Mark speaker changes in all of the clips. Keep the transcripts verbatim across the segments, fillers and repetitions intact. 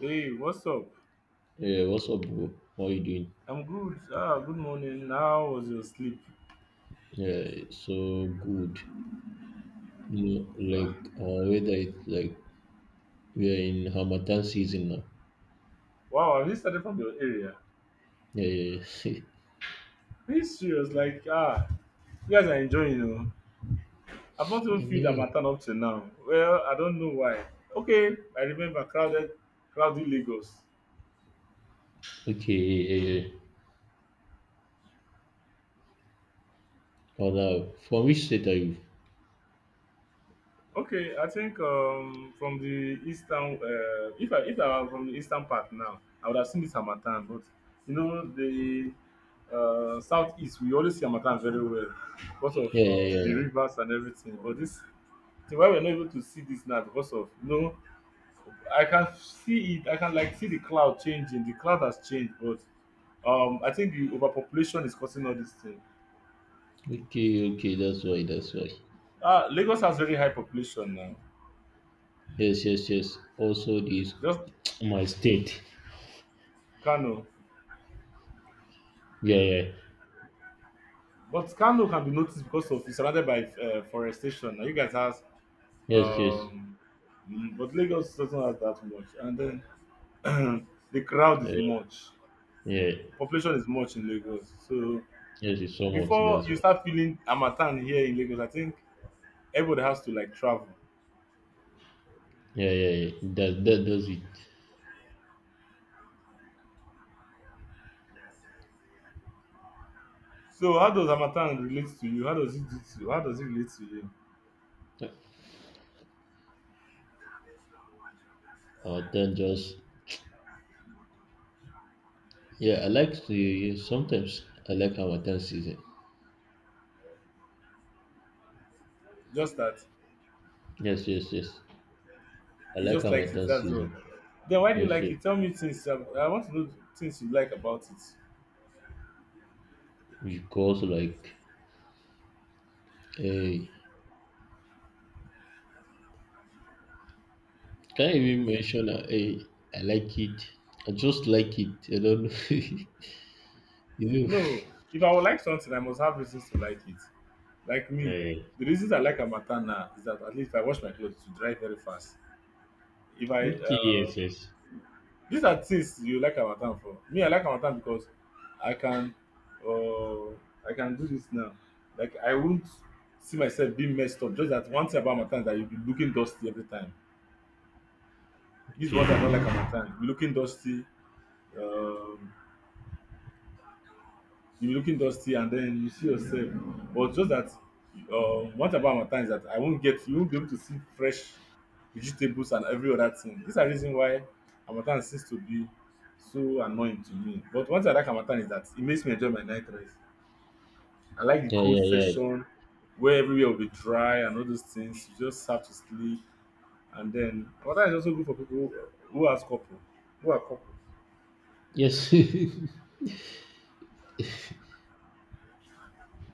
Speaker 1: Hey, what's up?
Speaker 2: Yeah, what's up, bro? How you doing?
Speaker 1: I'm good. Ah, good morning. How was your sleep?
Speaker 2: Yeah, it's so good. You know, like our weather is like we are in Hamatan season now.
Speaker 1: Wow, have you started from your area?
Speaker 2: Yeah, yeah, yeah.
Speaker 1: Are you serious? Like, ah, you guys are enjoying, you know. I've not even
Speaker 2: you
Speaker 1: feel that
Speaker 2: know.
Speaker 1: matter up till now. Well, I don't know why. Okay, I remember crowded, crowded Lagos.
Speaker 2: Okay, yeah, yeah, yeah. Oh, now, from which state are you?
Speaker 1: Okay, I think um from the eastern uh, if I if I were from the eastern part now, I would have seen this harmattan, but you know the uh, southeast we always see harmattan very well because of
Speaker 2: Yeah, yeah,
Speaker 1: uh,
Speaker 2: yeah,
Speaker 1: the
Speaker 2: yeah.
Speaker 1: rivers and everything. But this the why we're not able to see this now because of you know I can see it. I can like see the cloud changing. The cloud has changed, but um I think the overpopulation is causing all this thing.
Speaker 2: Okay, okay, that's why, that's why.
Speaker 1: Ah, Lagos has very high population now.
Speaker 2: Yes, yes, yes. Also, this
Speaker 1: Just
Speaker 2: my state.
Speaker 1: Kano.
Speaker 2: Yeah, yeah.
Speaker 1: But Kano can be noticed because of it's surrounded by uh, forestation. Now you guys has,
Speaker 2: Yes, yes.
Speaker 1: um, mm, but Lagos doesn't have that much. And then the crowd is
Speaker 2: Yeah,
Speaker 1: much,
Speaker 2: yeah.
Speaker 1: population is much in Lagos. So
Speaker 2: Yes, it's so much.
Speaker 1: before
Speaker 2: That's
Speaker 1: you
Speaker 2: why.
Speaker 1: start feeling Amatan here in Lagos, I think everybody has to like travel.
Speaker 2: Yeah, yeah, yeah. That, that does it.
Speaker 1: So how does Amatan relate to you? How does it do to, how does it relate to you?
Speaker 2: Our time just yeah, I like the yes, sometimes I like Harmattan season.
Speaker 1: Just that
Speaker 2: Yes, yes, yes. I
Speaker 1: you
Speaker 2: like
Speaker 1: just like it.
Speaker 2: Harmattan
Speaker 1: That's all.
Speaker 2: season.
Speaker 1: Then why do you
Speaker 2: Yes,
Speaker 1: like
Speaker 2: yes.
Speaker 1: it? Tell me things. I, I want to know things you like about it.
Speaker 2: Because like, hey, can I even mention, uh, hey, I like it. I just like it. I don't know.
Speaker 1: You
Speaker 2: you know.
Speaker 1: know, if I would like something, I must have reasons to like it. Like me,
Speaker 2: Hey.
Speaker 1: the reasons I like harmattan now is that at least I wash my clothes to dry very fast. If I
Speaker 2: Okay,
Speaker 1: uh,
Speaker 2: yes, yes.
Speaker 1: These are things you like harmattan for. Me, I like harmattan because I can uh, I can do this now. Like I won't see myself being messed up. Just that one thing about harmattan is that you'll be looking dusty every time. This is what I don't like
Speaker 2: Okay.
Speaker 1: harmattan. You'll be looking dusty. Um, you be looking dusty and then you see yourself, but just that uh, what about harmattan is that I won't get you won't be able to see fresh vegetables and every other thing. These are reason why harmattan seems to be so annoying to me, but one thing I like harmattan is that it makes me enjoy my night rest. I like the
Speaker 2: Yeah,
Speaker 1: cold
Speaker 2: yeah, yeah.
Speaker 1: session where everywhere will be dry and all those things. You just have to sleep. And then harmattan is also good for people who has couple who are couple.
Speaker 2: Yes.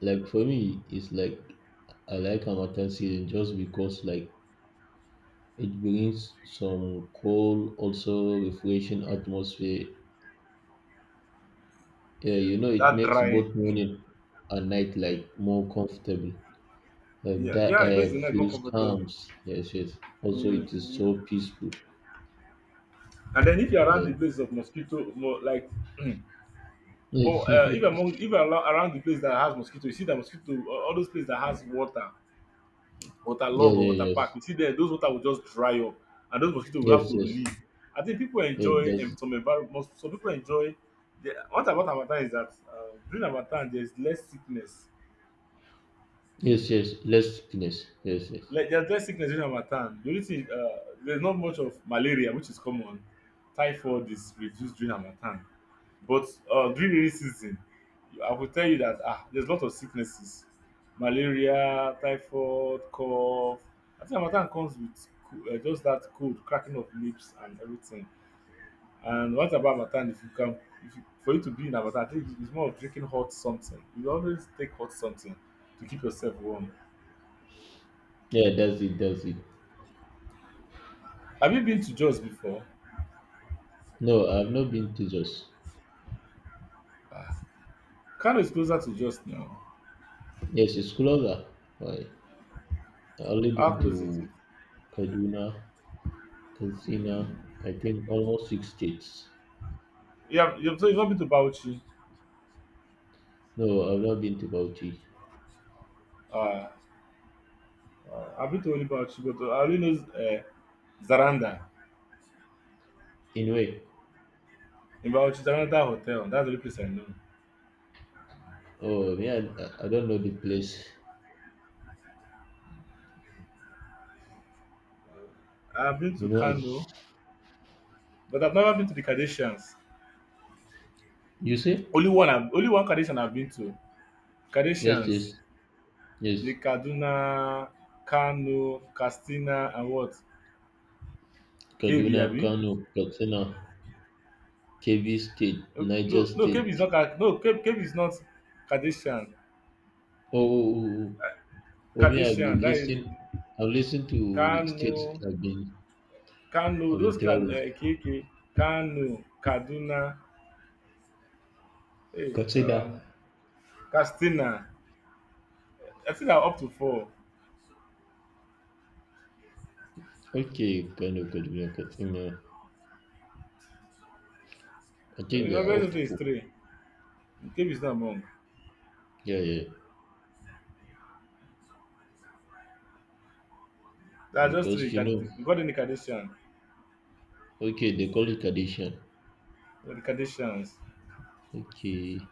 Speaker 2: like for me, it's like I like Harmattan season just because like it brings some cool, also refreshing atmosphere. Yeah, you know, it
Speaker 1: That
Speaker 2: makes
Speaker 1: dry,
Speaker 2: both morning and night like more comfortable. Like
Speaker 1: yeah,
Speaker 2: that
Speaker 1: yeah, it makes
Speaker 2: air
Speaker 1: the night more
Speaker 2: feels
Speaker 1: comfortable.
Speaker 2: calm. Yes, yes. Also, it is
Speaker 1: Mm-hmm.
Speaker 2: so peaceful.
Speaker 1: And then if you're around
Speaker 2: Yeah.
Speaker 1: the place of mosquito, mo- like, but uh, if
Speaker 2: yeah,
Speaker 1: among if you're alo- around the place that has mosquito, you see the mosquito, all all those places that has water, water
Speaker 2: yeah,
Speaker 1: log or water park,
Speaker 2: yes,
Speaker 1: you see there those water will just dry up, and those mosquito will have
Speaker 2: yes,
Speaker 1: to
Speaker 2: yes,
Speaker 1: leave. I think people
Speaker 2: yes.
Speaker 1: enjoy um,
Speaker 2: That's
Speaker 1: some environment. Some people enjoy. The, what about Harmattan is that uh, during Harmattan there's less sickness.
Speaker 2: yes, yes. Less sickness. Yes, yes.
Speaker 1: Like there's less sickness during Harmattan. The only thing uh, there's not much of malaria, which is common. Typhoid is reduced during Harmattan. But uh, during rainy season, I will tell you that ah, there's a lot of sicknesses, malaria, typhoid, cough. I think Harmattan comes with co- uh, just that cold, cracking of lips and everything. And what about Harmattan? If you can, if you, for you to be in Harmattan, I think it's more of drinking hot something. You always take hot something to keep yourself warm.
Speaker 2: Yeah, that's it. That's it.
Speaker 1: Have you been to Jos before?
Speaker 2: No, I've not been to Jos.
Speaker 1: Ah, Kano is closer to Jos now.
Speaker 2: Yes, it's closer. Why? I only
Speaker 1: How
Speaker 2: been
Speaker 1: close is
Speaker 2: to
Speaker 1: it?
Speaker 2: Kaduna, Katsina. I think almost six states.
Speaker 1: Yeah, you've, so you've not been to Bauchi.
Speaker 2: No, I've not been to Bauchi.
Speaker 1: Ah. Uh, I've been to only Bauchi, but uh, I only know uh, Zaranda.
Speaker 2: In way.
Speaker 1: In Bauchi, Zaranda Hotel. That's the only place I know.
Speaker 2: Oh, yeah, I, I don't know the place.
Speaker 1: I've been to
Speaker 2: You know, I,
Speaker 1: Kano, but I've never been to the Kardashians.
Speaker 2: you say?
Speaker 1: Only one, I've, only one Kardashian I've been to.
Speaker 2: Yes,
Speaker 1: Kardashians,
Speaker 2: yes, yes.
Speaker 1: the Kaduna, Kano, Castina, and what? K B,
Speaker 2: Kaduna,
Speaker 1: I mean.
Speaker 2: Kano, Katsina, Kebbi State, Niger
Speaker 1: No, no, K B
Speaker 2: State.
Speaker 1: is not. Ka- No, K- KB is not Kardashian.
Speaker 2: Oh, oh, oh, oh, me, I've
Speaker 1: Kardashian,
Speaker 2: been
Speaker 1: that is
Speaker 2: listening. I've listened to the
Speaker 1: Kano,
Speaker 2: states I've been,
Speaker 1: Kano.
Speaker 2: I've been
Speaker 1: Those can
Speaker 2: traveling.
Speaker 1: uh, K K, Kano, Kaduna. Hey, um,
Speaker 2: Katsina.
Speaker 1: Castina. I think I'm up to four.
Speaker 2: Okay, Kano, Kaduna, Katsina. I think they
Speaker 1: Your
Speaker 2: are
Speaker 1: guys
Speaker 2: off
Speaker 1: is
Speaker 2: to
Speaker 1: it's
Speaker 2: put.
Speaker 1: three. Cape is not among.
Speaker 2: Yeah, yeah.
Speaker 1: There are just three.
Speaker 2: Because, you
Speaker 1: Cad-
Speaker 2: know,
Speaker 1: You got any Kardashian?
Speaker 2: okay, they call it Kadishan.
Speaker 1: The Kardashians.
Speaker 2: Okay.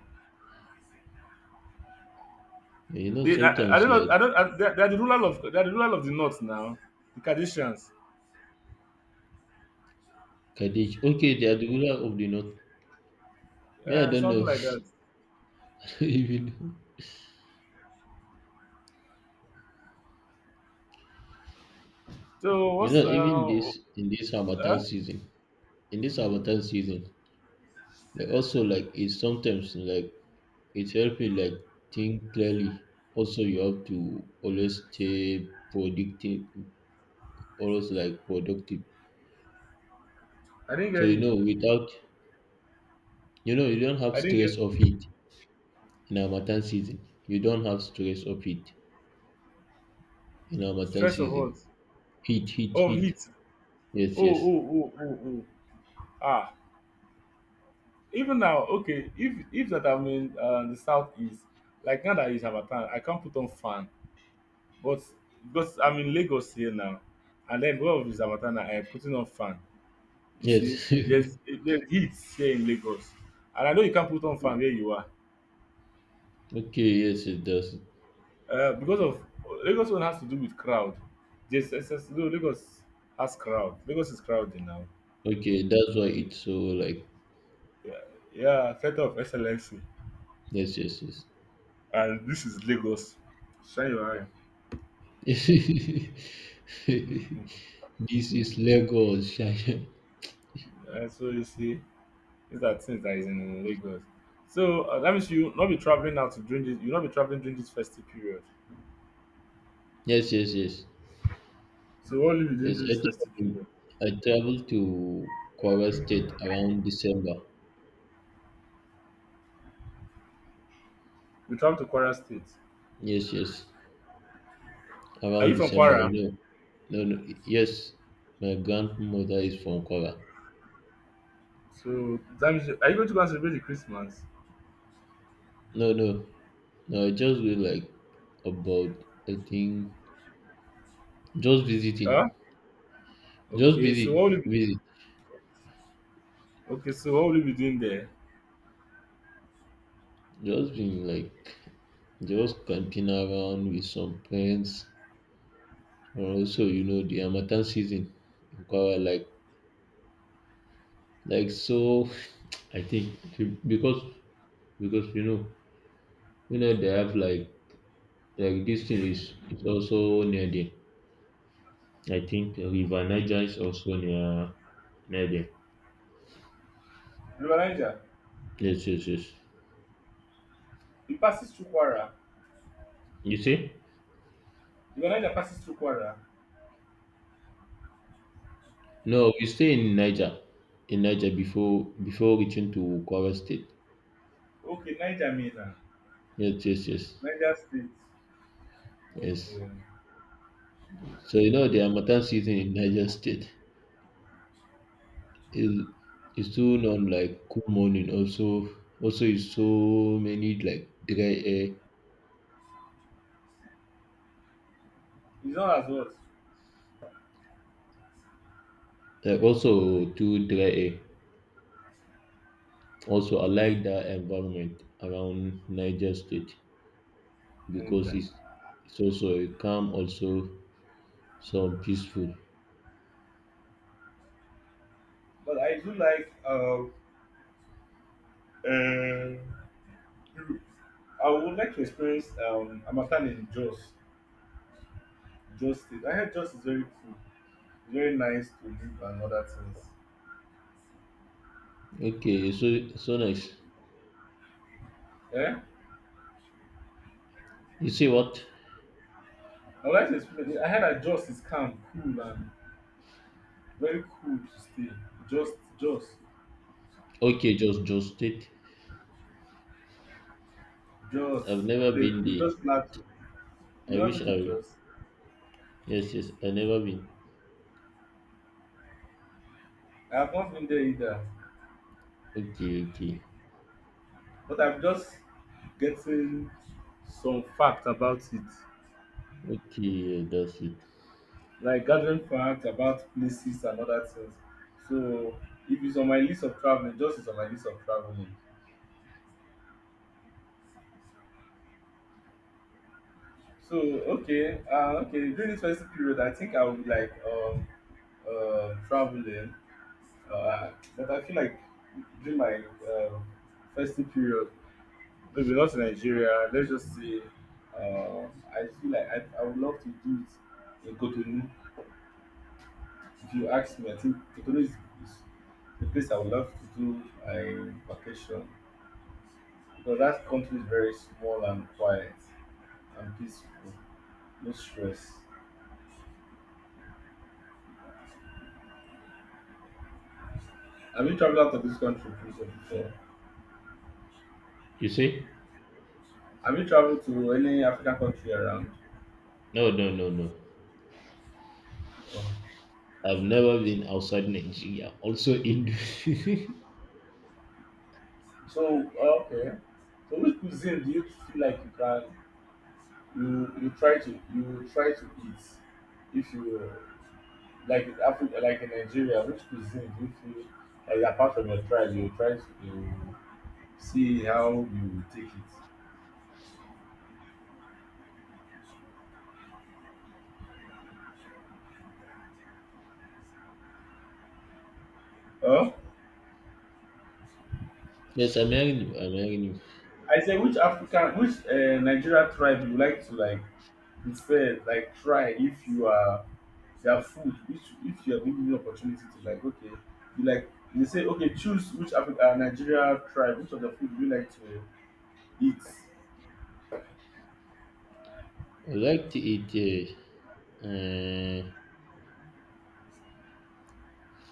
Speaker 2: You know,
Speaker 1: They, I, I
Speaker 2: sometimes
Speaker 1: don't know.
Speaker 2: like
Speaker 1: I don't. I, they're, they're the ruler of. They're the ruler of the north now. The Kardashians.
Speaker 2: Kaddish. Okay, they are the ruler of the north. Yeah, I
Speaker 1: Uh,
Speaker 2: don't
Speaker 1: something
Speaker 2: know.
Speaker 1: like that.
Speaker 2: even you do.
Speaker 1: So
Speaker 2: You
Speaker 1: what's
Speaker 2: know, even
Speaker 1: uh?
Speaker 2: this in this Harmattan
Speaker 1: Huh?
Speaker 2: season, in this
Speaker 1: Mm.
Speaker 2: Harmattan season, like also like it's sometimes like it's helping like think clearly. Also, you have to always stay productive, always like productive.
Speaker 1: I didn't
Speaker 2: So
Speaker 1: get
Speaker 2: you
Speaker 1: you.
Speaker 2: know, without you know, you don't have
Speaker 1: I didn't
Speaker 2: stress of
Speaker 1: get
Speaker 2: heat in Harmattan season. You don't have stress of heat in Harmattan
Speaker 1: stress of what?
Speaker 2: season. Heat, heat,
Speaker 1: Oh,
Speaker 2: heat.
Speaker 1: heat.
Speaker 2: Yes,
Speaker 1: Oh,
Speaker 2: yes,
Speaker 1: oh, oh, oh, oh. Ah. Even now, okay. If if that I'm in uh, the southeast, like now that is Harmattan, I can't put on fan. But because I'm in Lagos here now, and then one of the Zamatana, I am putting on fan. You see,
Speaker 2: yes.
Speaker 1: there's there's heat here in Lagos, and I know you can't put on fan where you are
Speaker 2: okay, yes, it does.
Speaker 1: uh, because of Lagos. One has to do with crowd. Just it's just- no, Lagos has crowd. Lagos is crowded now.
Speaker 2: Okay, that's why it's so like
Speaker 1: Yeah, yeah, center of excellency,
Speaker 2: yes, yes,
Speaker 1: and this is Lagos. Shine your eye.
Speaker 2: yes. This is Lagos. sha, sha.
Speaker 1: Uh, so you see, these are things that is in Lagos. So uh, that means you not be traveling now to during this. You not be traveling during this festive period.
Speaker 2: Yes, yes, yes,
Speaker 1: So what will you be doing
Speaker 2: yes. I
Speaker 1: this
Speaker 2: think
Speaker 1: festive
Speaker 2: I've been-
Speaker 1: period?
Speaker 2: I traveled to Kwara State around December.
Speaker 1: We travel to Kwara State.
Speaker 2: Yes, yes,
Speaker 1: Are you
Speaker 2: around
Speaker 1: from
Speaker 2: December.
Speaker 1: Kwara?
Speaker 2: You know, no, no. Yes, my grandmother is from Kwara.
Speaker 1: So that means you- are you going to go and celebrate the Christmas?
Speaker 2: No, no, no. I just went like about I think just visiting,
Speaker 1: Huh?
Speaker 2: just
Speaker 1: Okay, so
Speaker 2: visit,
Speaker 1: what will you be
Speaker 2: visit,
Speaker 1: okay, so what will you be doing there?
Speaker 2: just been like. Just camping around with some friends, or also you know the harmattan season in Kwara, like like so. I think to- because because you know you know they have like like this thing is is also near there. I think River Niger is also near near there.
Speaker 1: River Niger.
Speaker 2: Yes, yes, yes.
Speaker 1: It passes through Kwara.
Speaker 2: You see?
Speaker 1: River Niger passes through Kwara.
Speaker 2: No, we stay in Niger, in Niger before before reaching to Kwara State.
Speaker 1: Okay, Niger Mina.
Speaker 2: Yes, yes, yes,
Speaker 1: Niger State.
Speaker 2: yes.
Speaker 1: Okay.
Speaker 2: So you know the harmattan season in Niger State is is so non like cool morning also also is so many like dry air,
Speaker 1: It's not as what?
Speaker 2: like also too dry air. Also I like that environment around Niger State because
Speaker 1: Niger.
Speaker 2: it's it's also a calm also some peaceful.
Speaker 1: But I do like um um I would like to experience um Amatan in Jos. Jos State. I heard Jos is very cool, very nice to live and other things.
Speaker 2: Okay, so so nice.
Speaker 1: Yeah?
Speaker 2: You see what
Speaker 1: I would like to explain. I heard that Joss is calm, cool, and very cool to stay. Just, just,
Speaker 2: okay just just state.
Speaker 1: just
Speaker 2: I've never
Speaker 1: play,
Speaker 2: been there.
Speaker 1: just plateau. You
Speaker 2: I
Speaker 1: know me
Speaker 2: wish
Speaker 1: to
Speaker 2: I
Speaker 1: just.
Speaker 2: yes, yes, I never been.
Speaker 1: I have not been there either,
Speaker 2: Okay, okay,
Speaker 1: but I'm just getting some fact about it,
Speaker 2: okay, yeah, that's it.
Speaker 1: like gathering facts about places and other things. So, if it's on my list of traveling, just is on my list of traveling. So okay, uh, okay. During this festive period, I think I would be like um, uh, traveling, uh, but I feel like during my um festive period, maybe not in Nigeria. Let's just say, uh, I feel like I, I would love to do it in Cotonou. If you ask me, I think Cotonou is, is the place I would love to do a vacation because that country is very small and quiet and peaceful, no stress. Have you traveled out of this country please, before?
Speaker 2: You see,
Speaker 1: Have you traveled to any African country around?
Speaker 2: no, no, no, no.
Speaker 1: Yeah.
Speaker 2: I've never been outside Nigeria. Also, Indo.
Speaker 1: So, oh, okay. So which cuisine do you feel like you can you you try to you try to eat if you like in Africa like in Nigeria, which cuisine do you feel like apart from your tribe you try to you see how you take it? Oh,
Speaker 2: yes, I'm hearing you. I'm hearing you.
Speaker 1: I say which African which uh, Nigeria tribe you like to like prefer like try if you are if you are food if if you are given the opportunity to like okay you like they say okay choose which africa uh, nigeria tribe which of the food you like to eat.
Speaker 2: I like to eat uh, uh,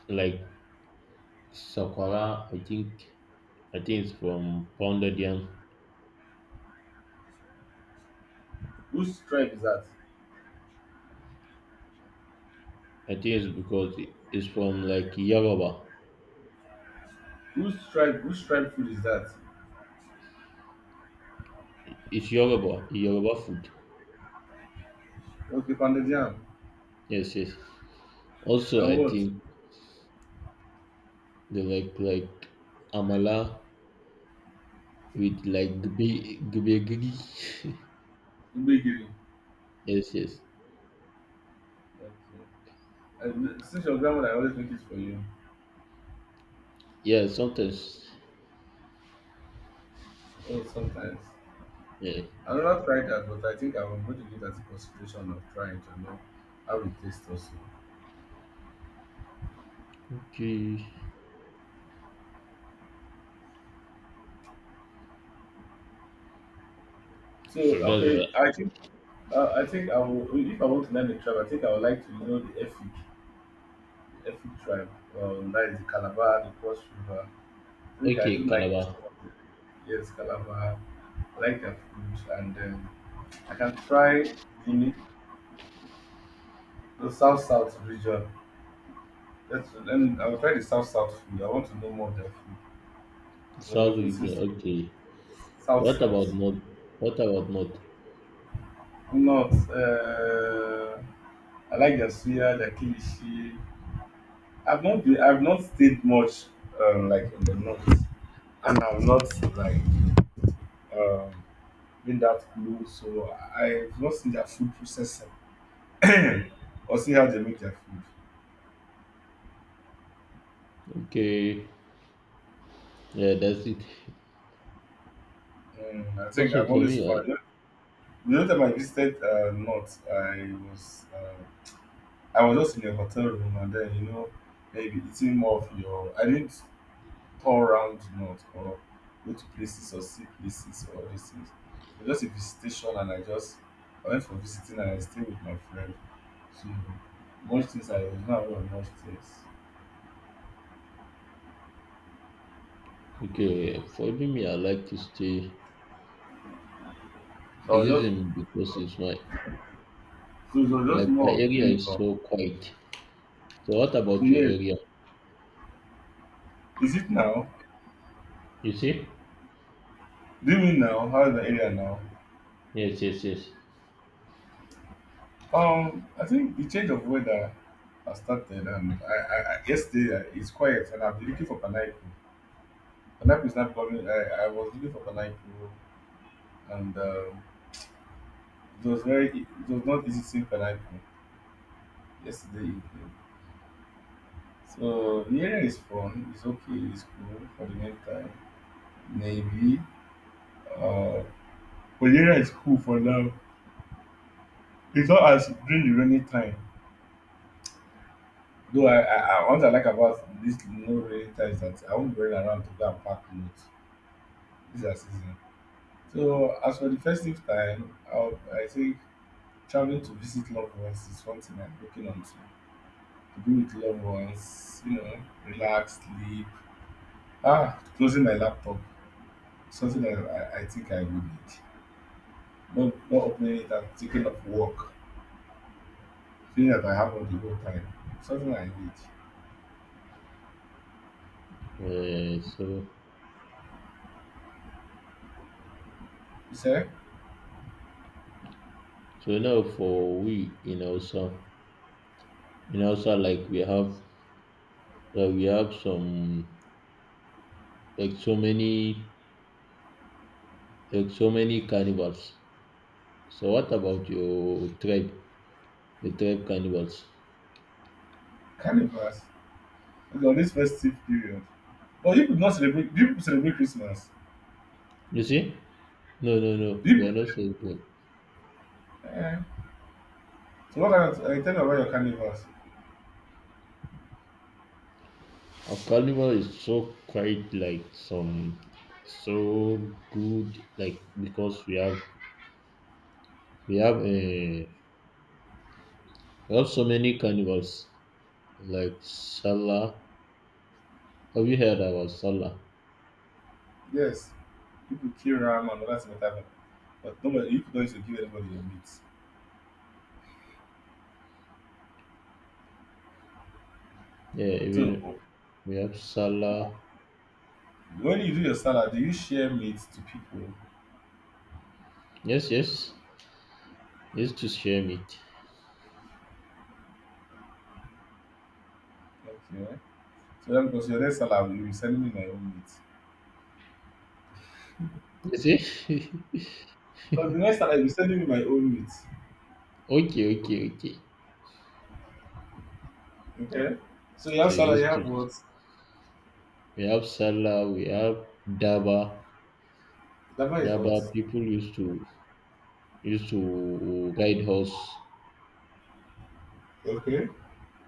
Speaker 2: like sakwara. I think I think it's from pounded yam.
Speaker 1: Whose tribe is that?
Speaker 2: I think it's because it- it's from like Yoruba.
Speaker 1: Whose tribe whose tribe food is that?
Speaker 2: It's Yoruba, Yoruba food.
Speaker 1: Okay, pounded yam.
Speaker 2: Yes, yes. Also,
Speaker 1: And
Speaker 2: I
Speaker 1: what?
Speaker 2: think they like like amala with like gbe gbe giri.
Speaker 1: Gbegiri.
Speaker 2: yes, yes.
Speaker 1: Okay, and since your grandmother always make it for you.
Speaker 2: Yeah, sometimes.
Speaker 1: Oh, sometimes.
Speaker 2: Yeah.
Speaker 1: I never tried that, but I think I'm going to give that a consideration of trying to know how it tastes also.
Speaker 2: Okay.
Speaker 1: So
Speaker 2: So that's
Speaker 1: okay,
Speaker 2: right.
Speaker 1: I think. Uh, I think I will, if I want to learn a tribe, I think I would like to know the Efik, Efik tribe. Um, that is the Calabar, the Cross River. I think I do
Speaker 2: Okay,
Speaker 1: like
Speaker 2: Calabar,
Speaker 1: some of the, yes, Calabar. I like their food, and um, I can try the, the South South region. That's then I will try the South South food. I want to know more of their food because their
Speaker 2: South
Speaker 1: food
Speaker 2: region.
Speaker 1: seems to be
Speaker 2: Okay. So
Speaker 1: South
Speaker 2: what about
Speaker 1: South.
Speaker 2: North? What about North?
Speaker 1: Not, uh, I like their suya, their kilishi. I've not been, I've not stayed much um, like in the north, and I've not like um, been that close, so I've not seen their food processing or see how they make their food.
Speaker 2: Okay. Yeah, that's it.
Speaker 1: Mm, I think I've
Speaker 2: Also for
Speaker 1: always found
Speaker 2: me,
Speaker 1: the only time I visited uh, north, I was uh, I was just in a hotel room and then you know maybe eating more of your I didn't all-round month or go to places or see places or these things. It was just a visitation and I just I went for visiting and I stayed with my friend. So much things I was not aware of much things.
Speaker 2: I okay for me, I like to stay.
Speaker 1: So I
Speaker 2: The
Speaker 1: was just
Speaker 2: reason because it's my
Speaker 1: so it was just
Speaker 2: like my
Speaker 1: more of
Speaker 2: area is
Speaker 1: anyhow.
Speaker 2: so quiet. So what
Speaker 1: So
Speaker 2: about your
Speaker 1: yeah,
Speaker 2: area?
Speaker 1: is it now?
Speaker 2: You see?
Speaker 1: Do you mean now? How is the area now?
Speaker 2: Yes, yes, yes.
Speaker 1: Um I think the change of weather has started and I, I, I yesterday, uh, it's quiet and I've been looking for pineapple. Pineapple is not coming. I, I was looking for pineapple and um It was very, it was not easy seeing pineapple yesterday evening. So the area is fun, it's okay, it's cool for the meantime. Maybe, uh, but the area is cool for now. It's not as during the rainy time. Though I, I, I what I like about this no rainy time is that I won't be running around to go and pack clothes. This is our season. So as for the festive time, I'll, I think traveling to visit loved ones is one thing I'm looking onto. To be with loved ones, you know, relax, sleep, Ah, closing my laptop, something that I, I think I would need. Not, not opening it and taking up work, feeling that I have all the whole time. Something I need.
Speaker 2: Uh, so
Speaker 1: You say.
Speaker 2: so now for we in Hausa, in Hausa like we have uh, we have some like so many like so many carnivals. So what about your tribe? Your tribe carnivals.
Speaker 1: Carnivals? Okay, on this festive period. But you could not celebrate, do you people celebrate Christmas?
Speaker 2: You see? No, no, no.
Speaker 1: Do
Speaker 2: They
Speaker 1: you,
Speaker 2: are not so good.
Speaker 1: eh, so what I, I tell you about your carnivals.
Speaker 2: A carnival is so quite like some so good like because we have we have a we have so many carnivals like Salah. Have you heard about Salah?
Speaker 1: Yes, people kill ram and all that sort of thing, but nobody, you people don't used to give anybody your meat.
Speaker 2: Yeah,
Speaker 1: So,
Speaker 2: even we have Salah.
Speaker 1: when you do your salad, do you share meat to people?
Speaker 2: Yes, yes. Used to share meat.
Speaker 1: Okay. So that because your next salary, you will be sending me my own meat.
Speaker 2: You see?
Speaker 1: Because the next salary, you will be sending me my own meat.
Speaker 2: okay, okay, okay.
Speaker 1: Okay. So you have
Speaker 2: So
Speaker 1: salad, you
Speaker 2: used
Speaker 1: have
Speaker 2: to.
Speaker 1: what?
Speaker 2: We have Salah, we have Daba.
Speaker 1: Daba is what?
Speaker 2: Daba people used to used to ride horse,
Speaker 1: Okay.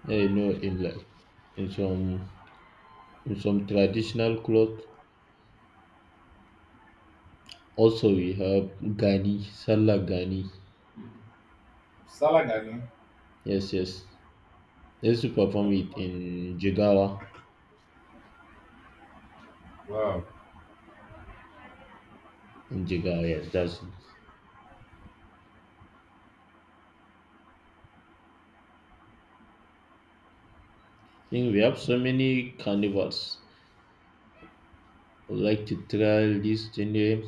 Speaker 2: eh, you know, in like in some in some traditional cloth. Also, we have Gani, Salah Gani.
Speaker 1: Salad Gani.
Speaker 2: Yes, yes. They used to perform it in Jigawa.
Speaker 1: Wow.
Speaker 2: In Jigawa, yes, that's it. I think we have so many carnivals. I would like to try this thing, eh.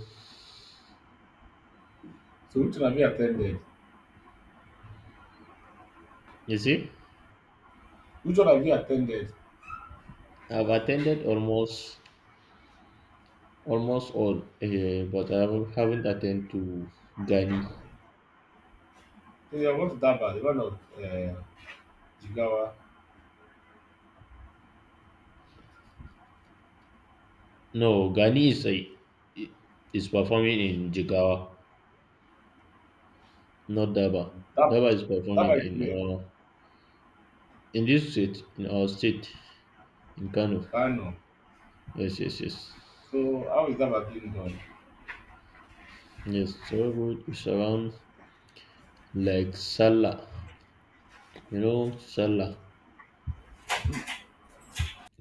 Speaker 1: So which one have you attended?
Speaker 2: You see,
Speaker 1: Which one have you attended?
Speaker 2: I've attended almost almost all, eh, but I haven't haven't attended to Gani.
Speaker 1: So you have gone to Daba, the one of uh, Jigawa.
Speaker 2: No, Gani is a, is performing in Jigawa, not Daba.
Speaker 1: Dab
Speaker 2: Daba is
Speaker 1: Daba
Speaker 2: performing
Speaker 1: is
Speaker 2: in
Speaker 1: where?
Speaker 2: our in this state, in our state, in Kano.
Speaker 1: Kano.
Speaker 2: Yes, yes, yes,
Speaker 1: So how is Daba being done?
Speaker 2: yes. So good. It's around like Salah. You know Salah,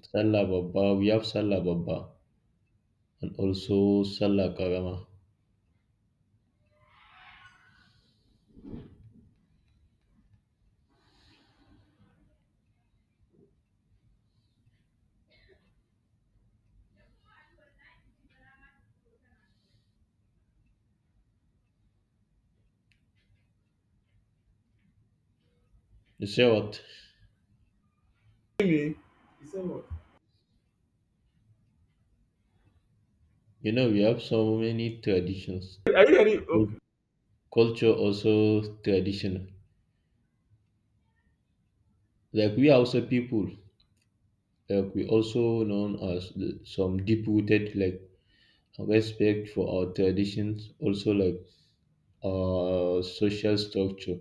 Speaker 2: Salah Baba. We have Salah Baba and also Salah Karama. You say what?
Speaker 1: Me. He said what?
Speaker 2: You know we have so many traditions,
Speaker 1: Are you ready? Okay.
Speaker 2: culture, also tradition. Like we are also people. Like we also known as the- some deep rooted like respect for our traditions, also like our social structure.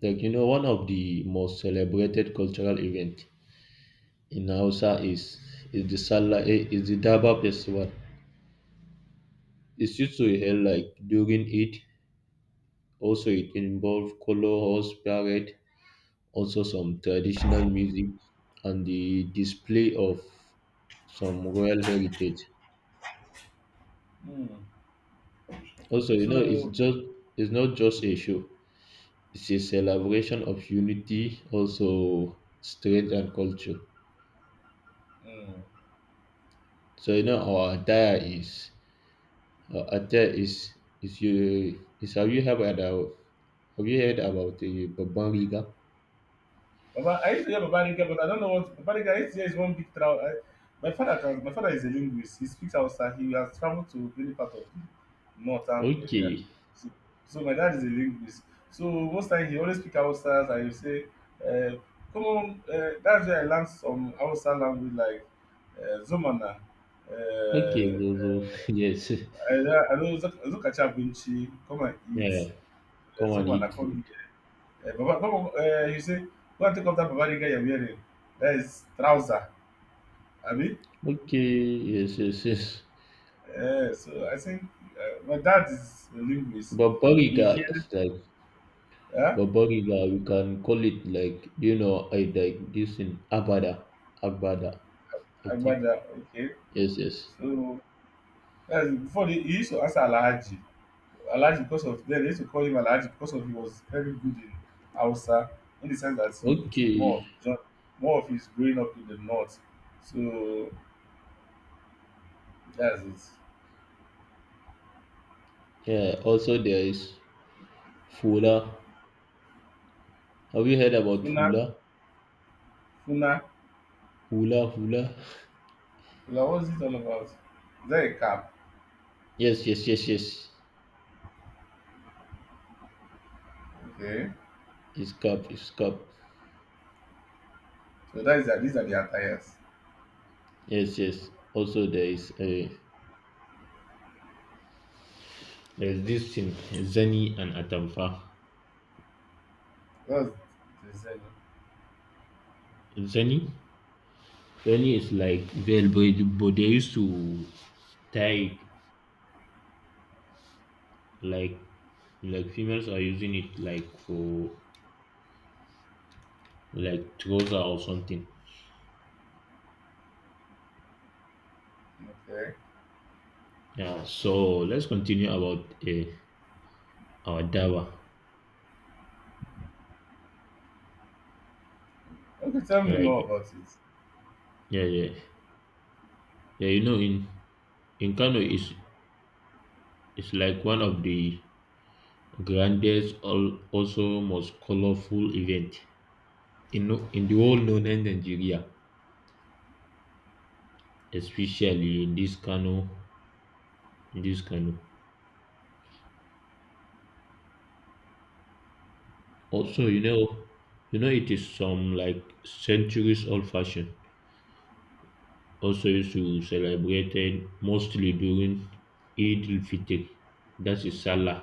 Speaker 2: Like you know, one of the most celebrated cultural event in Hausa is is the Salah eh, is the Daba festival. It's used to held like during it. Also, it involves color horse parade, also some traditional music and the display of some royal heritage.
Speaker 1: Hmm.
Speaker 2: Also, you know, it's
Speaker 1: So
Speaker 2: just it's not just a show. It's a celebration of unity, also strength and culture.
Speaker 1: hmm.
Speaker 2: So you know, our attire is our attire is is you is have you heard about have you heard about the Babban Riga?
Speaker 1: Baba, I used to hear Baba Rinke, but I don't know what Baba Rinke, I used to hear is one big travel. I, my father can, My father is a linguist. He speaks Hausa. He has traveled to many part of the northern area.
Speaker 2: Okay,
Speaker 1: So, so my dad is a linguist. So most time he always speak Hausa. I will say, uh, come on, uh, that's where I learned some Hausa language like uh, Zomana. Uh,
Speaker 2: okay, so, so
Speaker 1: uh,
Speaker 2: yes,
Speaker 1: I, I know Zuka Chabunchi, come and eat.
Speaker 2: yeah,
Speaker 1: Uh,
Speaker 2: come and
Speaker 1: Zomana,
Speaker 2: eat
Speaker 1: come
Speaker 2: food.
Speaker 1: Eh, Baba, come uh, you say, go and take off that Bavarian guy you're wearing. That is trouser, I mean.
Speaker 2: Okay, yes, yes, yes.
Speaker 1: Uh, so I think uh, my dad is a linguist. He
Speaker 2: Babariga
Speaker 1: hears
Speaker 2: is like
Speaker 1: uh,
Speaker 2: Babariga, we can call it like you know, I like this in Abada. Abada, I think.
Speaker 1: about that, okay.
Speaker 2: Yes, yes.
Speaker 1: So that's before they, he used to ask Alhaji. Alhaji because of then they used to call him Alhaji because of he was very good in Hausa in the sense that he did more of
Speaker 2: Okay.
Speaker 1: his job, more of his growing up in the north. So that's it.
Speaker 2: Yeah, also there is Fula. Have you heard about
Speaker 1: Funa,
Speaker 2: Fula?
Speaker 1: Funa.
Speaker 2: Hula Hula?
Speaker 1: What was it all about? Is that a cab?
Speaker 2: Yes, yes, yes, yes.
Speaker 1: Okay.
Speaker 2: It's cup, it's cup.
Speaker 1: So that is that these are the attires.
Speaker 2: Yes, yes. Also there is a there's this thing, Zani and Atamfa.
Speaker 1: What's the design?
Speaker 2: Zani? Zani is like veil, but, but they used to tie it like like females are using it like for like trouser or something.
Speaker 1: Okay.
Speaker 2: Yeah. So let's continue about uh, our dawa.
Speaker 1: Okay, tell me more
Speaker 2: Like
Speaker 1: about it.
Speaker 2: yeah, yeah, yeah. You know, in in Kano is is like one of the grandest, al- also most colorful event in no- in the whole northern Nigeria, especially in this Kano, in this Kano.
Speaker 1: Hmm,
Speaker 2: Also, you know, you know, it is some like centuries old fashion, also used to celebrated mostly during Eid al-Fitr, that is Salah,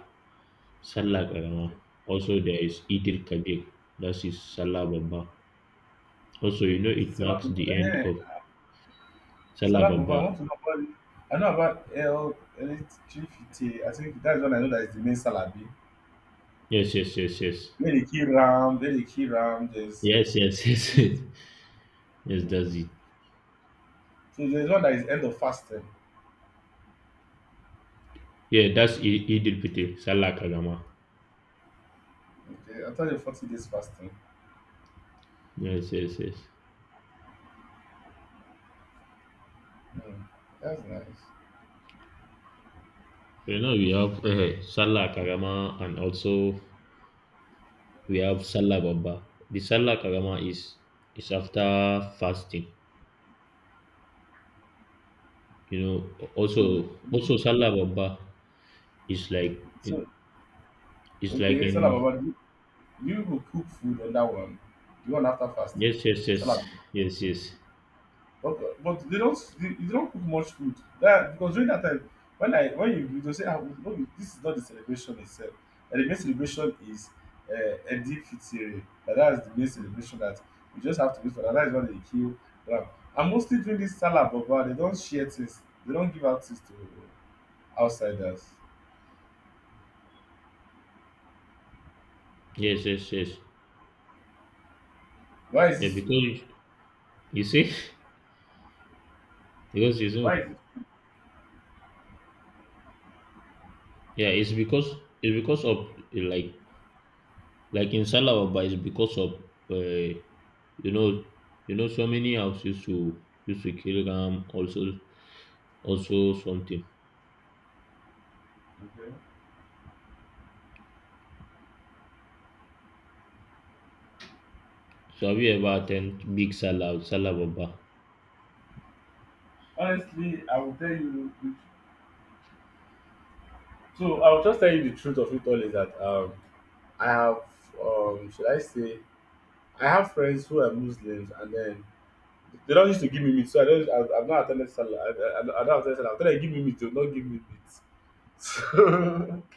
Speaker 2: Salah Karama.
Speaker 1: okay.
Speaker 2: Also there is Eid al-Kabir, that is Salah Baba. Also, you know, it marks
Speaker 1: Salam
Speaker 2: the end
Speaker 1: eh,
Speaker 2: of Salah
Speaker 1: Salam Baba, I
Speaker 2: Baba.
Speaker 1: want to know about I know about L electricity. I think that's when I know that it's the main Salabi.
Speaker 2: Yes, yes, yes, yes.
Speaker 1: Very key ram, Very key ram, there's
Speaker 2: Yes, yes,
Speaker 1: mm.
Speaker 2: yes, yes, that's it.
Speaker 1: So there's one that is end of fasting.
Speaker 2: Yeah, that's I- Eid al-Fitr, Salah Karama.
Speaker 1: Okay, after the forty days fasting.
Speaker 2: Yes, yes, yes.
Speaker 1: Hmm, that's nice.
Speaker 2: So now we have uh, Salah Karama and also we have salah Baba. The salah Karama is is after fasting. You know,
Speaker 1: So
Speaker 2: also also salah Baba is like
Speaker 1: so
Speaker 2: it's like
Speaker 1: okay, Salam
Speaker 2: in
Speaker 1: Baba, you will cook food on that one, the one after fasting,
Speaker 2: yes, yes,
Speaker 1: salad.
Speaker 2: yes, yes, yes,
Speaker 1: But, but they don't they, you don't cook much food. That because during that time, when I when you you go say ah no this is not the celebration itself. And the main celebration is uh, Eid Fitr. That that's the main celebration that you just have to wait for. That, that is when they kill ram. And mostly during this salad baba, they don't share things. They don't give out things to outsiders.
Speaker 2: yes, yes, yes,
Speaker 1: Why is
Speaker 2: yeah,
Speaker 1: this so?
Speaker 2: because you see because you know
Speaker 1: Why is it?
Speaker 2: yeah it's because it's because of uh, like like in salah Baba it's because of uh, you know you know so many house used to used to kill ram, also also something.
Speaker 1: Okay.
Speaker 2: So have you ever attend big Salah Salah Baba?
Speaker 1: Honestly, I will tell you the So I'll just tell you the truth of it all is that um, I have, um, should I say, I have friends who are Muslims and then they don't used to give me meat. So I don't, I, I've not attended Salah. I, I, I don't attend Salah. After they give me meat, they'll not give me meat.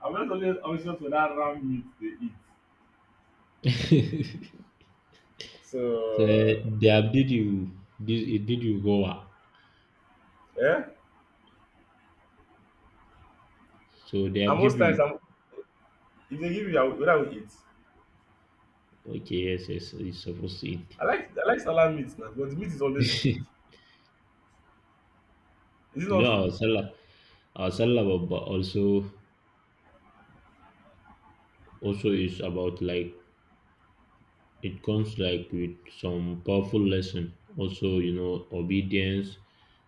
Speaker 1: So I'm not always anxious for that round meat they eat.
Speaker 2: so
Speaker 1: So
Speaker 2: eh, they have did you this it did you go ah?
Speaker 1: yeah,
Speaker 2: So they have
Speaker 1: and
Speaker 2: give
Speaker 1: most times
Speaker 2: you
Speaker 1: I'm, if they give me, I will, what I will eat.
Speaker 2: okay, yes, yes, it's supposed to eat.
Speaker 1: I like I like Salah meat now, but the meat is always big.
Speaker 2: you
Speaker 1: Is it
Speaker 2: know
Speaker 1: not
Speaker 2: our
Speaker 1: true?
Speaker 2: Salah our Salah Baba also also is about like it comes like with some powerful lesson. Also you know obedience,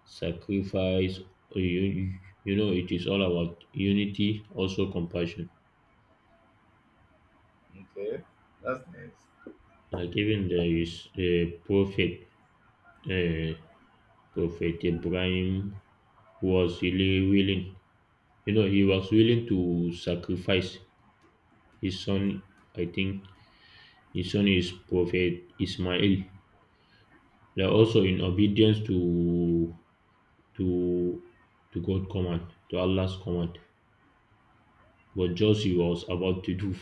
Speaker 2: sacrifice. You, you know it is all about unity also compassion.
Speaker 1: Okay, that's nice.
Speaker 2: Like even there is a prophet uh, Prophet Ibrahim was really willing. You know, he was willing to sacrifice his son. I think his son is Prophet Ismail. They're also in obedience to to to God's command, to Allah's command. But just he was about to do,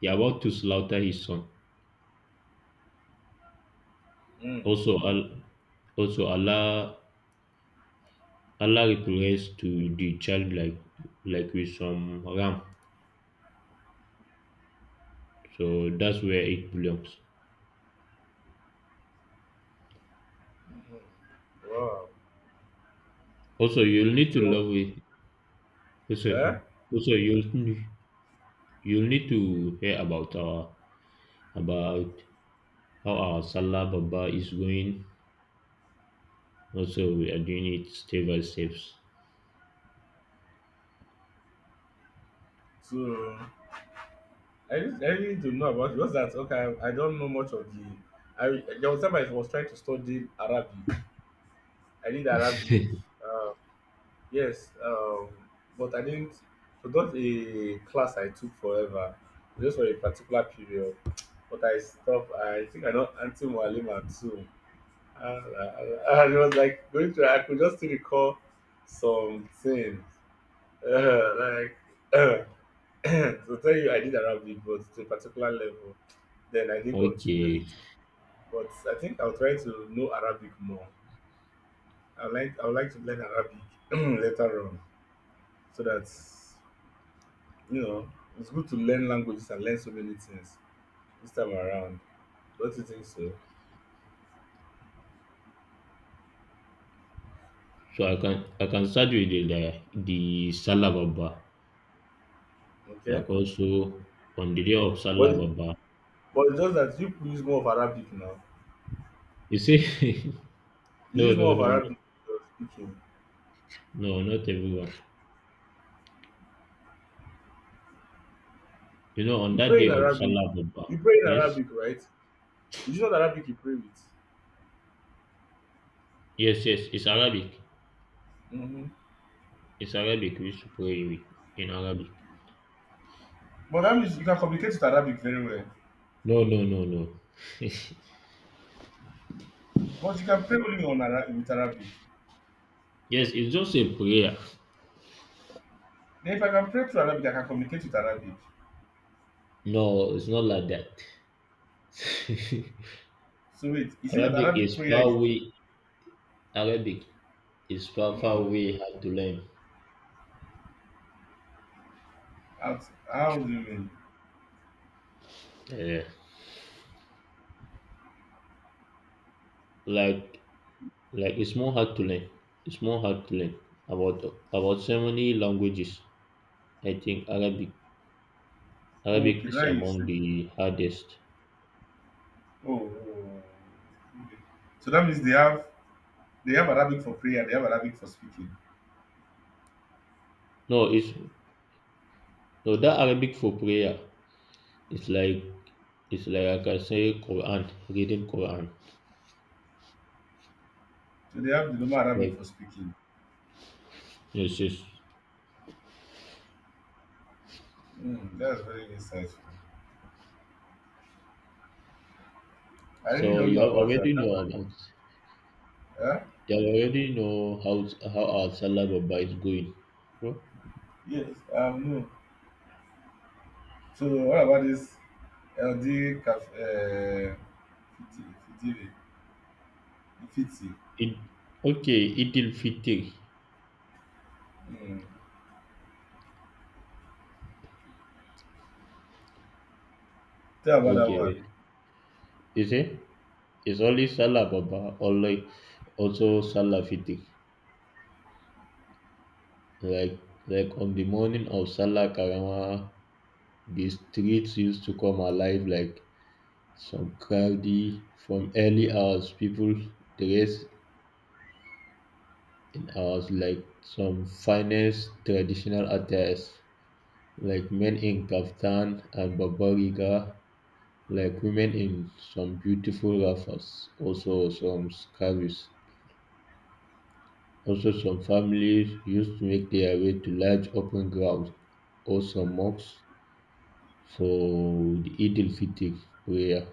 Speaker 2: he about to slaughter his son.
Speaker 1: Mm,
Speaker 2: Also, Al, also Allah Allah replies to the child like like with some ram. So that's where it belongs.
Speaker 1: wow.
Speaker 2: Also, you'll need to
Speaker 1: So,
Speaker 2: love it. Also,
Speaker 1: eh?
Speaker 2: also you'll n- you'll need to hear about our about how our Salah Baba is going. Also, we are doing it step by steps.
Speaker 1: So, I need I need to know about it. Just that, okay, I I don't know much of the. I there was time I was trying to study Arabic. I did Arabic, uh, yes, um, but I didn't. So not a class I took forever, just for a particular period. But I stopped. I think I don't until Mualima too. And it was like going through. I could just still recall some things. Uh, like to tell you, I did Arabic, but to a particular level, then I didn't continue it.
Speaker 2: Okay,
Speaker 1: But I think I'll try to know Arabic more. I like I would like to learn Arabic later on, so that you know it's good to learn languages and learn so many things this time around. Don't you think so?
Speaker 2: so I can I can start with the the, the Salah Baba.
Speaker 1: Okay,
Speaker 2: Like also on the day of
Speaker 1: but
Speaker 2: Salah
Speaker 1: it's,
Speaker 2: Baba,
Speaker 1: but it's just that you use more of Arabic now.
Speaker 2: you see,
Speaker 1: You
Speaker 2: no
Speaker 1: use more
Speaker 2: no
Speaker 1: of
Speaker 2: no no
Speaker 1: Arabic when you're speaking.
Speaker 2: no, not everyone. You know, on
Speaker 1: You
Speaker 2: that
Speaker 1: pray
Speaker 2: day
Speaker 1: in
Speaker 2: of
Speaker 1: Arabic.
Speaker 2: Salah Baba,
Speaker 1: You pray in
Speaker 2: yes
Speaker 1: Arabic, right? You know Arabic you pray with.
Speaker 2: yes yes, it's Arabic.
Speaker 1: Mm-hmm.
Speaker 2: It's Arabic. We used to pray with- in Arabic.
Speaker 1: But that means you can communicate with Arabic very well.
Speaker 2: No, no, no, no.
Speaker 1: But you can pray only on Ara- with Arabic.
Speaker 2: Yes, it's just a prayer.
Speaker 1: Then if I can pray through Arabic, I can communicate with Arabic.
Speaker 2: No, it's not like that.
Speaker 1: So wait, is it that
Speaker 2: Arabic
Speaker 1: Arabic
Speaker 2: is
Speaker 1: prayer is
Speaker 2: far we Arabic is far far
Speaker 1: mm,
Speaker 2: way hard to learn.
Speaker 1: out, how do you mean?
Speaker 2: Yeah. Like like it's more hard to learn. It's more hard to learn about about so many languages. I think Arabic Arabic
Speaker 1: Okay,
Speaker 2: is
Speaker 1: now you say
Speaker 2: among the hardest.
Speaker 1: oh, oh oh. okay. So that means they have they have Arabic for prayer, they have Arabic for speaking.
Speaker 2: No, it's no that Arabic for prayer. It's like it's like I can say Quran, reading Quran.
Speaker 1: So they have the normal Arabic for
Speaker 2: Like
Speaker 1: speaking.
Speaker 2: yes, yes.
Speaker 1: Mm, that's very insightful. I really
Speaker 2: So
Speaker 1: don't
Speaker 2: you
Speaker 1: know
Speaker 2: have
Speaker 1: about that.
Speaker 2: already know about
Speaker 1: Huh?
Speaker 2: you have already know how how our Salah Baba is going. Bro.
Speaker 1: Yes, um no. So what about this L D caf- uh, fifty, fifty, fifty.
Speaker 2: It Okay, Eid al Fitr.
Speaker 1: Mm. Tell about that
Speaker 2: Okay.
Speaker 1: one.
Speaker 2: Is it? It's only Salah Baba or like also Salah Fitr. Like like on the morning of Salah Karama, the streets used to come alive like some crowdy from early hours. People dress in ours, like some finest traditional attires, like men in kaftan and babariga, like women in some beautiful wrappers, also some scarves. Also, some families used to make their way to large open grounds or some mosques for the Eid al-Fitr prayer.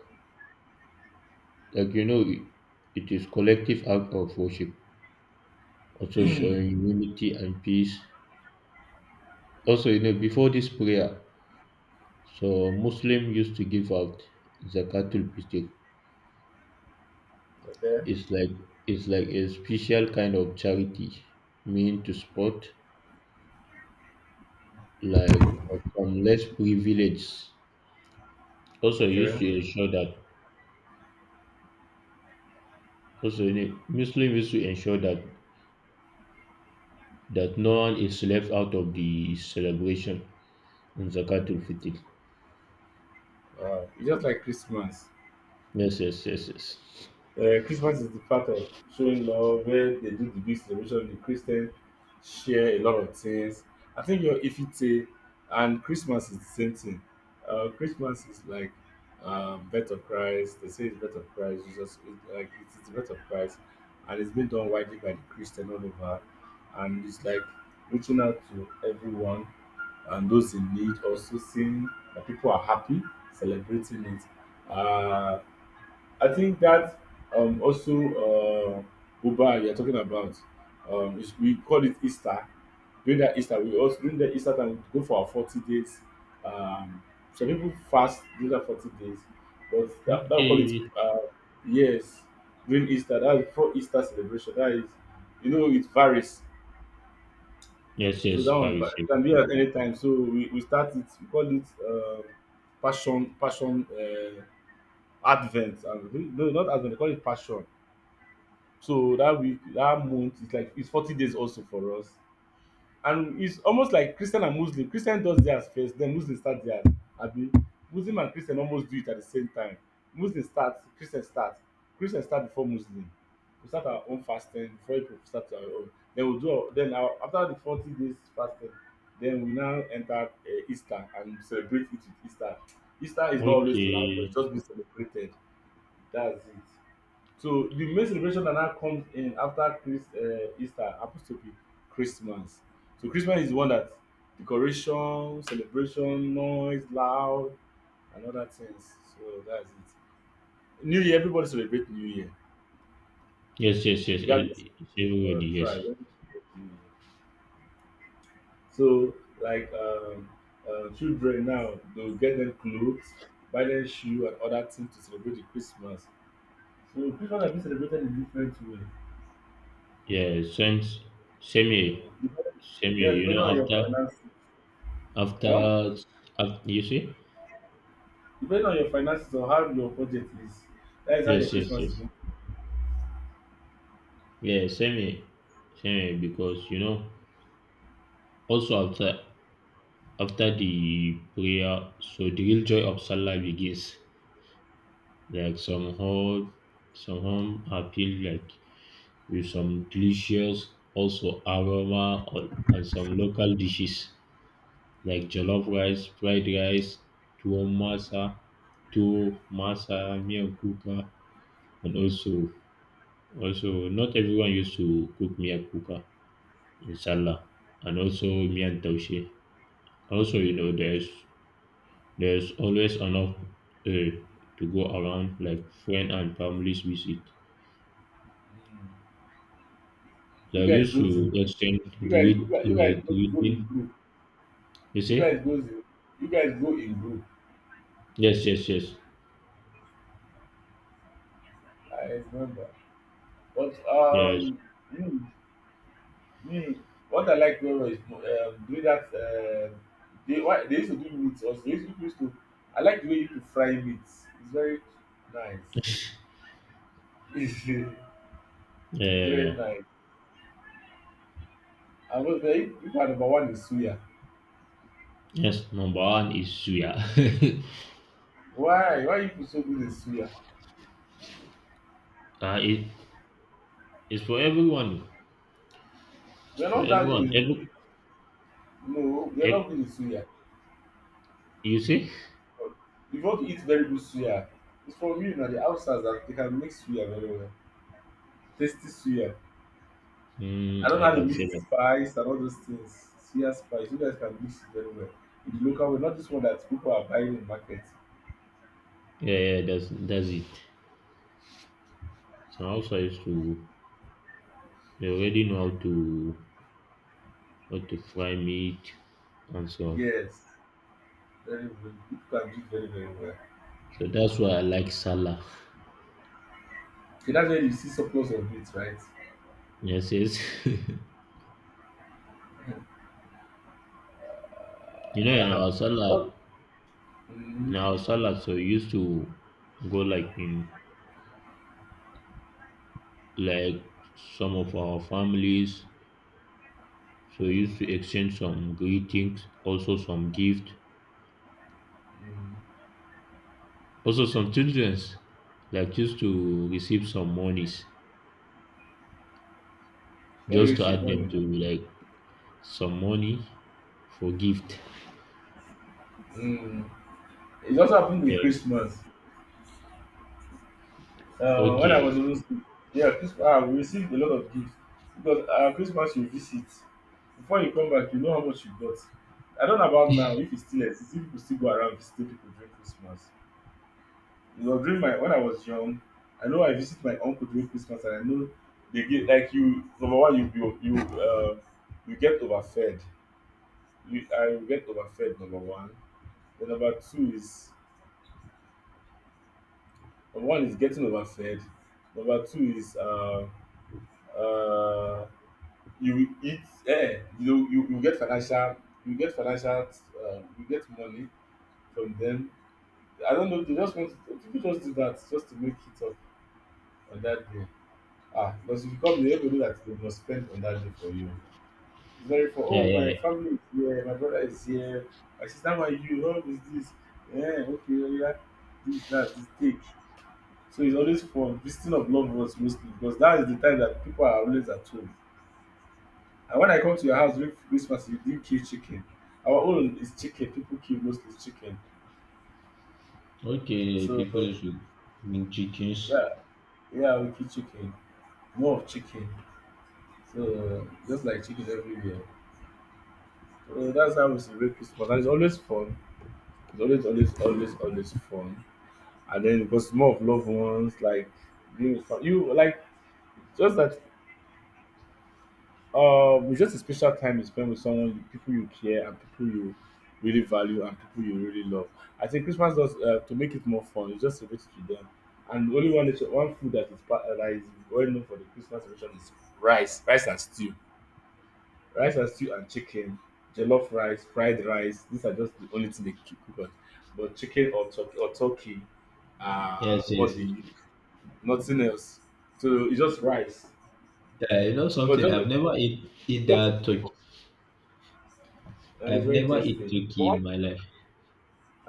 Speaker 2: Like you know, it it is collective act of worship, also showing unity and peace. Also, you know, before this prayer, so Muslim used to give out zakatul fitr.
Speaker 1: Okay.
Speaker 2: It's like it's like a special kind of charity, meant to support like, like some less privileged. Also used
Speaker 1: Okay.
Speaker 2: to ensure that also ne- Muslim used to ensure that that no one is left out of the celebration in zakatul fitr.
Speaker 1: Wow. It's just like Christmas.
Speaker 2: Yes, yes, yes, yes.
Speaker 1: Uh, Christmas is the part of showing love where they do the big celebration. The Christians share a lot of things. I think your Ifite and Christmas is the same thing. Uh, Christmas is like um, birth of Christ. They say it's birth of Christ. Jesus, it's like it's the birth of Christ, and it's been done widely by the Christian all over, and it's like reaching out to everyone and those in need also seeing that people are happy celebrating it uh, I think that um, also uh, uba you're talking about um, is- we call it Easter. During that Easter we also during the Easter time we go for our forty days, um, some people fast during that forty days, but that, that we call it
Speaker 2: Okay.
Speaker 1: uh, yes, during Easter, that is for Easter celebration, that is you know it varies
Speaker 2: Yes,
Speaker 1: so
Speaker 2: yes,
Speaker 1: that one,
Speaker 2: Paris.
Speaker 1: but it
Speaker 2: Yes.
Speaker 1: can be at any time. So we, we start it, we call it um passion passion uh, advent. And, no, not advent, we call it passion. So that week, that month, it's like it's forty days also for us. And it's almost like Christian and Muslim. Christian does theirs first, then Muslim start theirs. Abi Muslim and Christian almost do it at the same time. Muslim start, Christian start. Christian start before Muslim. We start our own fasting before we start our own. Then we do our, then our, after the forty days fasting, then we now enter uh, Easter and celebrate it with Easter. Easter is not always loud, but it's
Speaker 2: Okay.
Speaker 1: just been celebrated. That's it. So the main celebration that now comes in after Chris, uh, Easter happens to be Christmas. So Christmas is the one that decoration, celebration, noise, loud, and other things. So that's it. New Year, everybody celebrate New Year,
Speaker 2: Yes, yes, yes.
Speaker 1: regardless
Speaker 2: eh, It's
Speaker 1: of
Speaker 2: everybody.
Speaker 1: uh,
Speaker 2: Yes.
Speaker 1: tribe. Everybody celebrate New Year. So like um, uh, children now, they'll get them clothes, buy them shoe, and other things to celebrate the Christmas. So Christmas has been celebrated in different way.
Speaker 2: Yeah, since same here,
Speaker 1: Yeah,
Speaker 2: same here.
Speaker 1: yes,
Speaker 2: You
Speaker 1: depending on
Speaker 2: know,
Speaker 1: your
Speaker 2: after
Speaker 1: finances. Huh?
Speaker 2: after, after you see,
Speaker 1: Depending on your finances or how your budget is, that is how your
Speaker 2: yes, yes,
Speaker 1: Christmas is
Speaker 2: yes,
Speaker 1: going.
Speaker 2: yeah, same here, same here. Because you know, also after after the prayer, so the real joy of Salah begins. Like somehow, somehow I feel like with some delicious also aroma or, and some local dishes. Like jollof rice, fried rice, tuwon masa, tuwo, masa, miyan kuka, and also also not everyone used to cook miyan kuka in sallah, and also miyan taushe. Also, you know, there's there's always enough uh, to go around, like friend and families visit.
Speaker 1: You
Speaker 2: They
Speaker 1: guys
Speaker 2: used
Speaker 1: go
Speaker 2: to
Speaker 1: in.
Speaker 2: exchange
Speaker 1: You guys, you
Speaker 2: greet
Speaker 1: guys, you
Speaker 2: uh,
Speaker 1: guys go, go in
Speaker 2: greeting.
Speaker 1: group.
Speaker 2: You
Speaker 1: You guys
Speaker 2: see?
Speaker 1: go in. You guys go in group.
Speaker 2: Yes, yes, yes,
Speaker 1: I remember. But
Speaker 2: yes.
Speaker 1: um, me, me, what I like very well is um, doing that. Uh, they why they used to do meat also. They used to, used to I like the way you used to fry meat. It's very nice. It's
Speaker 2: Yeah, yeah,
Speaker 1: very
Speaker 2: yeah.
Speaker 1: nice. I was like, "Hey, you are number one in suya.
Speaker 2: Yes, number one is suya.
Speaker 1: Why? Why you so good in suya?
Speaker 2: Uh, it, it's for everyone. It's
Speaker 1: We are
Speaker 2: for
Speaker 1: not that good
Speaker 2: everyone.
Speaker 1: in,
Speaker 2: Every,
Speaker 1: no, we are not
Speaker 2: ev-
Speaker 1: good in suya.
Speaker 2: you see?
Speaker 1: You want to eat very good suya, it's from you now, the outsiders that they can make suya very well. Tasty suya. I
Speaker 2: Mm,
Speaker 1: don't know
Speaker 2: I
Speaker 1: how to
Speaker 2: can
Speaker 1: mix
Speaker 2: say
Speaker 1: the
Speaker 2: that.
Speaker 1: spice and all those things. Suya spice, you guys can mix it very well. In the local way, not this one that people are buying in the market.
Speaker 2: Yeah, yeah, that's that's it. So also I used to they already know how to how to fry meat and so on.
Speaker 1: Yes, very well. People can do it very, very well.
Speaker 2: So that's why I like salad.
Speaker 1: Okay, that's where you see surplus of it, right?
Speaker 2: Yes, yes. you know, in
Speaker 1: Uh-huh.
Speaker 2: our
Speaker 1: What?
Speaker 2: salad,
Speaker 1: Mm-hmm.
Speaker 2: in our salad, so we used to go like in like some of our families. So we used to exchange some greetings, also some gift. Also, some childrens like used to receive some monies
Speaker 1: Yeah, you
Speaker 2: just to
Speaker 1: receive
Speaker 2: add them
Speaker 1: money.
Speaker 2: to like some money for gift.
Speaker 1: Mm. It also happened with
Speaker 2: Yeah.
Speaker 1: Christmas. Uh, when I
Speaker 2: Okay.
Speaker 1: was in school, yeah, Christmas, ah, we received a lot of gifts because uh, Christmas you visit. Before you come back, you know how much you got. I don't know about now if it still exists, if people still go around visiting people during Christmas. You know, during my when I was young, I know I visit my uncle during Christmas, and I know they get like you. Number one, you you you uh, you get overfed. You I will get overfed. Number one. Then number two is One is getting overfed. Number two is uh, uh, you eat. Eh, you you you get financial. You get financial. Uh, you get money from them. I don't know. They just want to, people just do that just to make it up on that day. Ah, because if you come, they will know that they must spend on that day for you. It's very for
Speaker 2: Yeah,
Speaker 1: oh my
Speaker 2: yeah.
Speaker 1: family is here, my brother is here, my sister, my you, how is this? Yeah, okay, yeah, this that, this cake. So it's always fun. Visiting of loved ones mostly because that is the time that people are always at home. And when I come to your house during Christmas, you didn't kill chicken. Our own is chicken. People kill mostly chicken.
Speaker 2: Okay,
Speaker 1: So
Speaker 2: people should bring chickens.
Speaker 1: yeah, yeah, we kill chicken. More of chicken. So just like chicken everywhere. So that's how we celebrate Christmas. And it's always fun. It's always, always, always, always fun. And then because more of loved ones, like being with fam- you like just that. Um, it's just a special time you spend with someone, you, people you care, and people you really value, and people you really love. I think Christmas does uh, to make it more fun. You just celebrate bit to them, and only one nation- one food that is part, uh, that is well known for the Christmas version is rice, rice and stew, rice and stew and chicken, jollof rice, fried rice. These are just the only thing they keep cooked. But chicken or turkey or turkey, uh,
Speaker 2: Yes, yes.
Speaker 1: what they use, nothing else. So it's just rice,
Speaker 2: Yeah, you know
Speaker 1: but
Speaker 2: something?
Speaker 1: just
Speaker 2: I've never eat eat
Speaker 1: but,
Speaker 2: that turkey.
Speaker 1: uh, it's
Speaker 2: I've
Speaker 1: very
Speaker 2: never eat
Speaker 1: tasty. But
Speaker 2: turkey
Speaker 1: one
Speaker 2: in my life.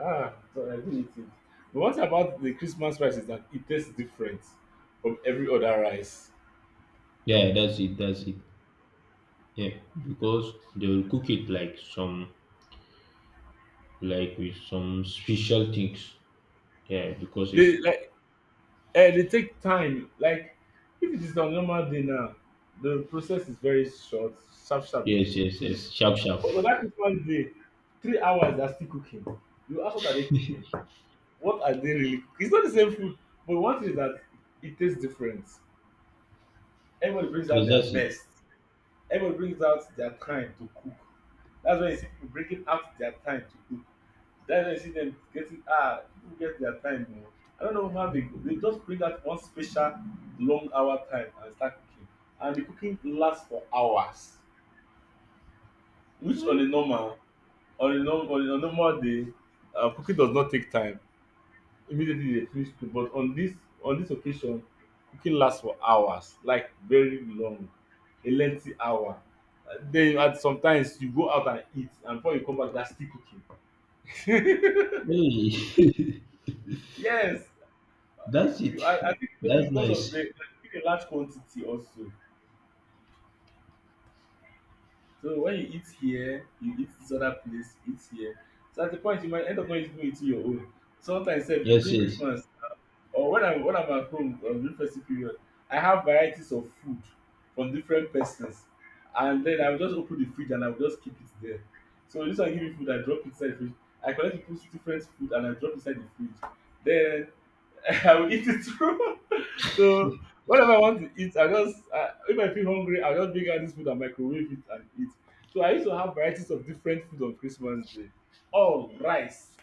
Speaker 1: ah, so I do eat it. But what about the Christmas rice is that it tastes different from every other rice.
Speaker 2: Yeah, that's it. That's it. Yeah, because they will cook it like some like with some special things. Yeah, because it's
Speaker 1: They like eh, they take time. Like if it is on normal day now, the process is very short, sharp sharp, they've
Speaker 2: yes,
Speaker 1: cooked
Speaker 2: yes,
Speaker 1: finish.
Speaker 2: yes. Sharp, sharp.
Speaker 1: But on that Christmas day, three hours they're still cooking. You ask what are they cooking? What are they really cooking? It's not the same food, but one thing is that it tastes different. Everybody brings out their
Speaker 2: Exactly.
Speaker 1: best. Everybody brings out their time to cook. That's when you see people bringing out their time to cook. That's when you see them getting ah people get their time more. I don't know how they go. They just bring out one special long hour time and start cooking, and the cooking lasts for hours, which on a normal on a normal on a normal day, uh, cooking does not take time. Immediately they finish cook, but on this on this occasion cooking lasts for hours like very long, a lengthy hour. Uh, then at sometimes you go out and eat, and before you come back they are still cooking.
Speaker 2: Hey,
Speaker 1: Yes,
Speaker 2: that's it.
Speaker 1: you I I think maybe
Speaker 2: That's
Speaker 1: because of
Speaker 2: nice.
Speaker 1: the a large quantity also, so when you eat here, you eat this other place, you eat here, so at the point you might end up not even eating your own. So sometimes sef
Speaker 2: Yes,
Speaker 1: during
Speaker 2: yes.
Speaker 1: Christmas or when I'm when I'm at home um, during festive period, I have varieties of food from different persons, and then I will just open the fridge and I will just keep it there. So this one give me food, I drop inside the fridge. I collect people's different food and I drop inside the fridge. Then I will eat it through. So whatever I want to eat, I just uh, if I feel hungry, I'll just bring out this food and microwave it and eat. So I used to have varieties of different food on Christmas Day. All rice,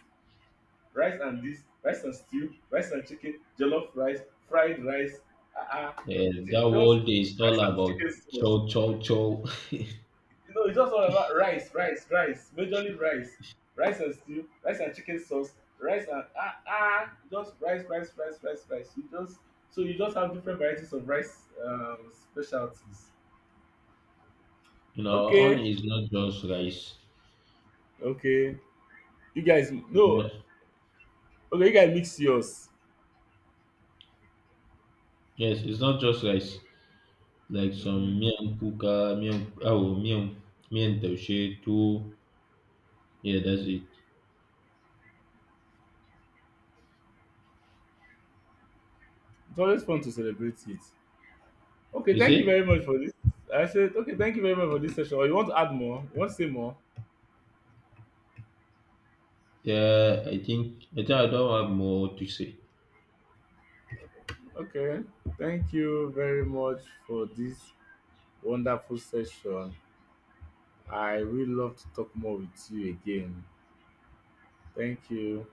Speaker 1: rice and this, rice and stew, rice and chicken, jollof rice, fried rice, ah ah,
Speaker 2: Yeah,
Speaker 1: ju-
Speaker 2: that
Speaker 1: just
Speaker 2: world is all
Speaker 1: rice and
Speaker 2: about
Speaker 1: chicken sauce.
Speaker 2: chow, chow, chow.
Speaker 1: You know it's just all about rice, rice, rice, majorly rice, rice and stew, rice and chicken sauce, rice and ah ah, just rice, rice, rice, rice, rice, you just, so you just have different varieties of rice, um, specialties.
Speaker 2: You know, on
Speaker 1: Okay,
Speaker 2: is not just rice.
Speaker 1: okay. You guys,
Speaker 2: It's
Speaker 1: no,
Speaker 2: not,
Speaker 1: okay, you guys mix yours.
Speaker 2: yes, it's not just rice. Like some
Speaker 1: Hmm.
Speaker 2: miyan kuka, miyan, oh, miyan, miyan taushe, too. Yeah, that's it.
Speaker 1: It's always fun to celebrate it. Okay,
Speaker 2: You
Speaker 1: thank you
Speaker 2: see?
Speaker 1: very much for this. I said, okay, thank you very much for this session. Or you want to add more? You want to say more?
Speaker 2: Yeah, I think, I think I don't have more to say.
Speaker 1: Okay. Thank you very much for this wonderful session. I really love to talk more with you again. Thank you.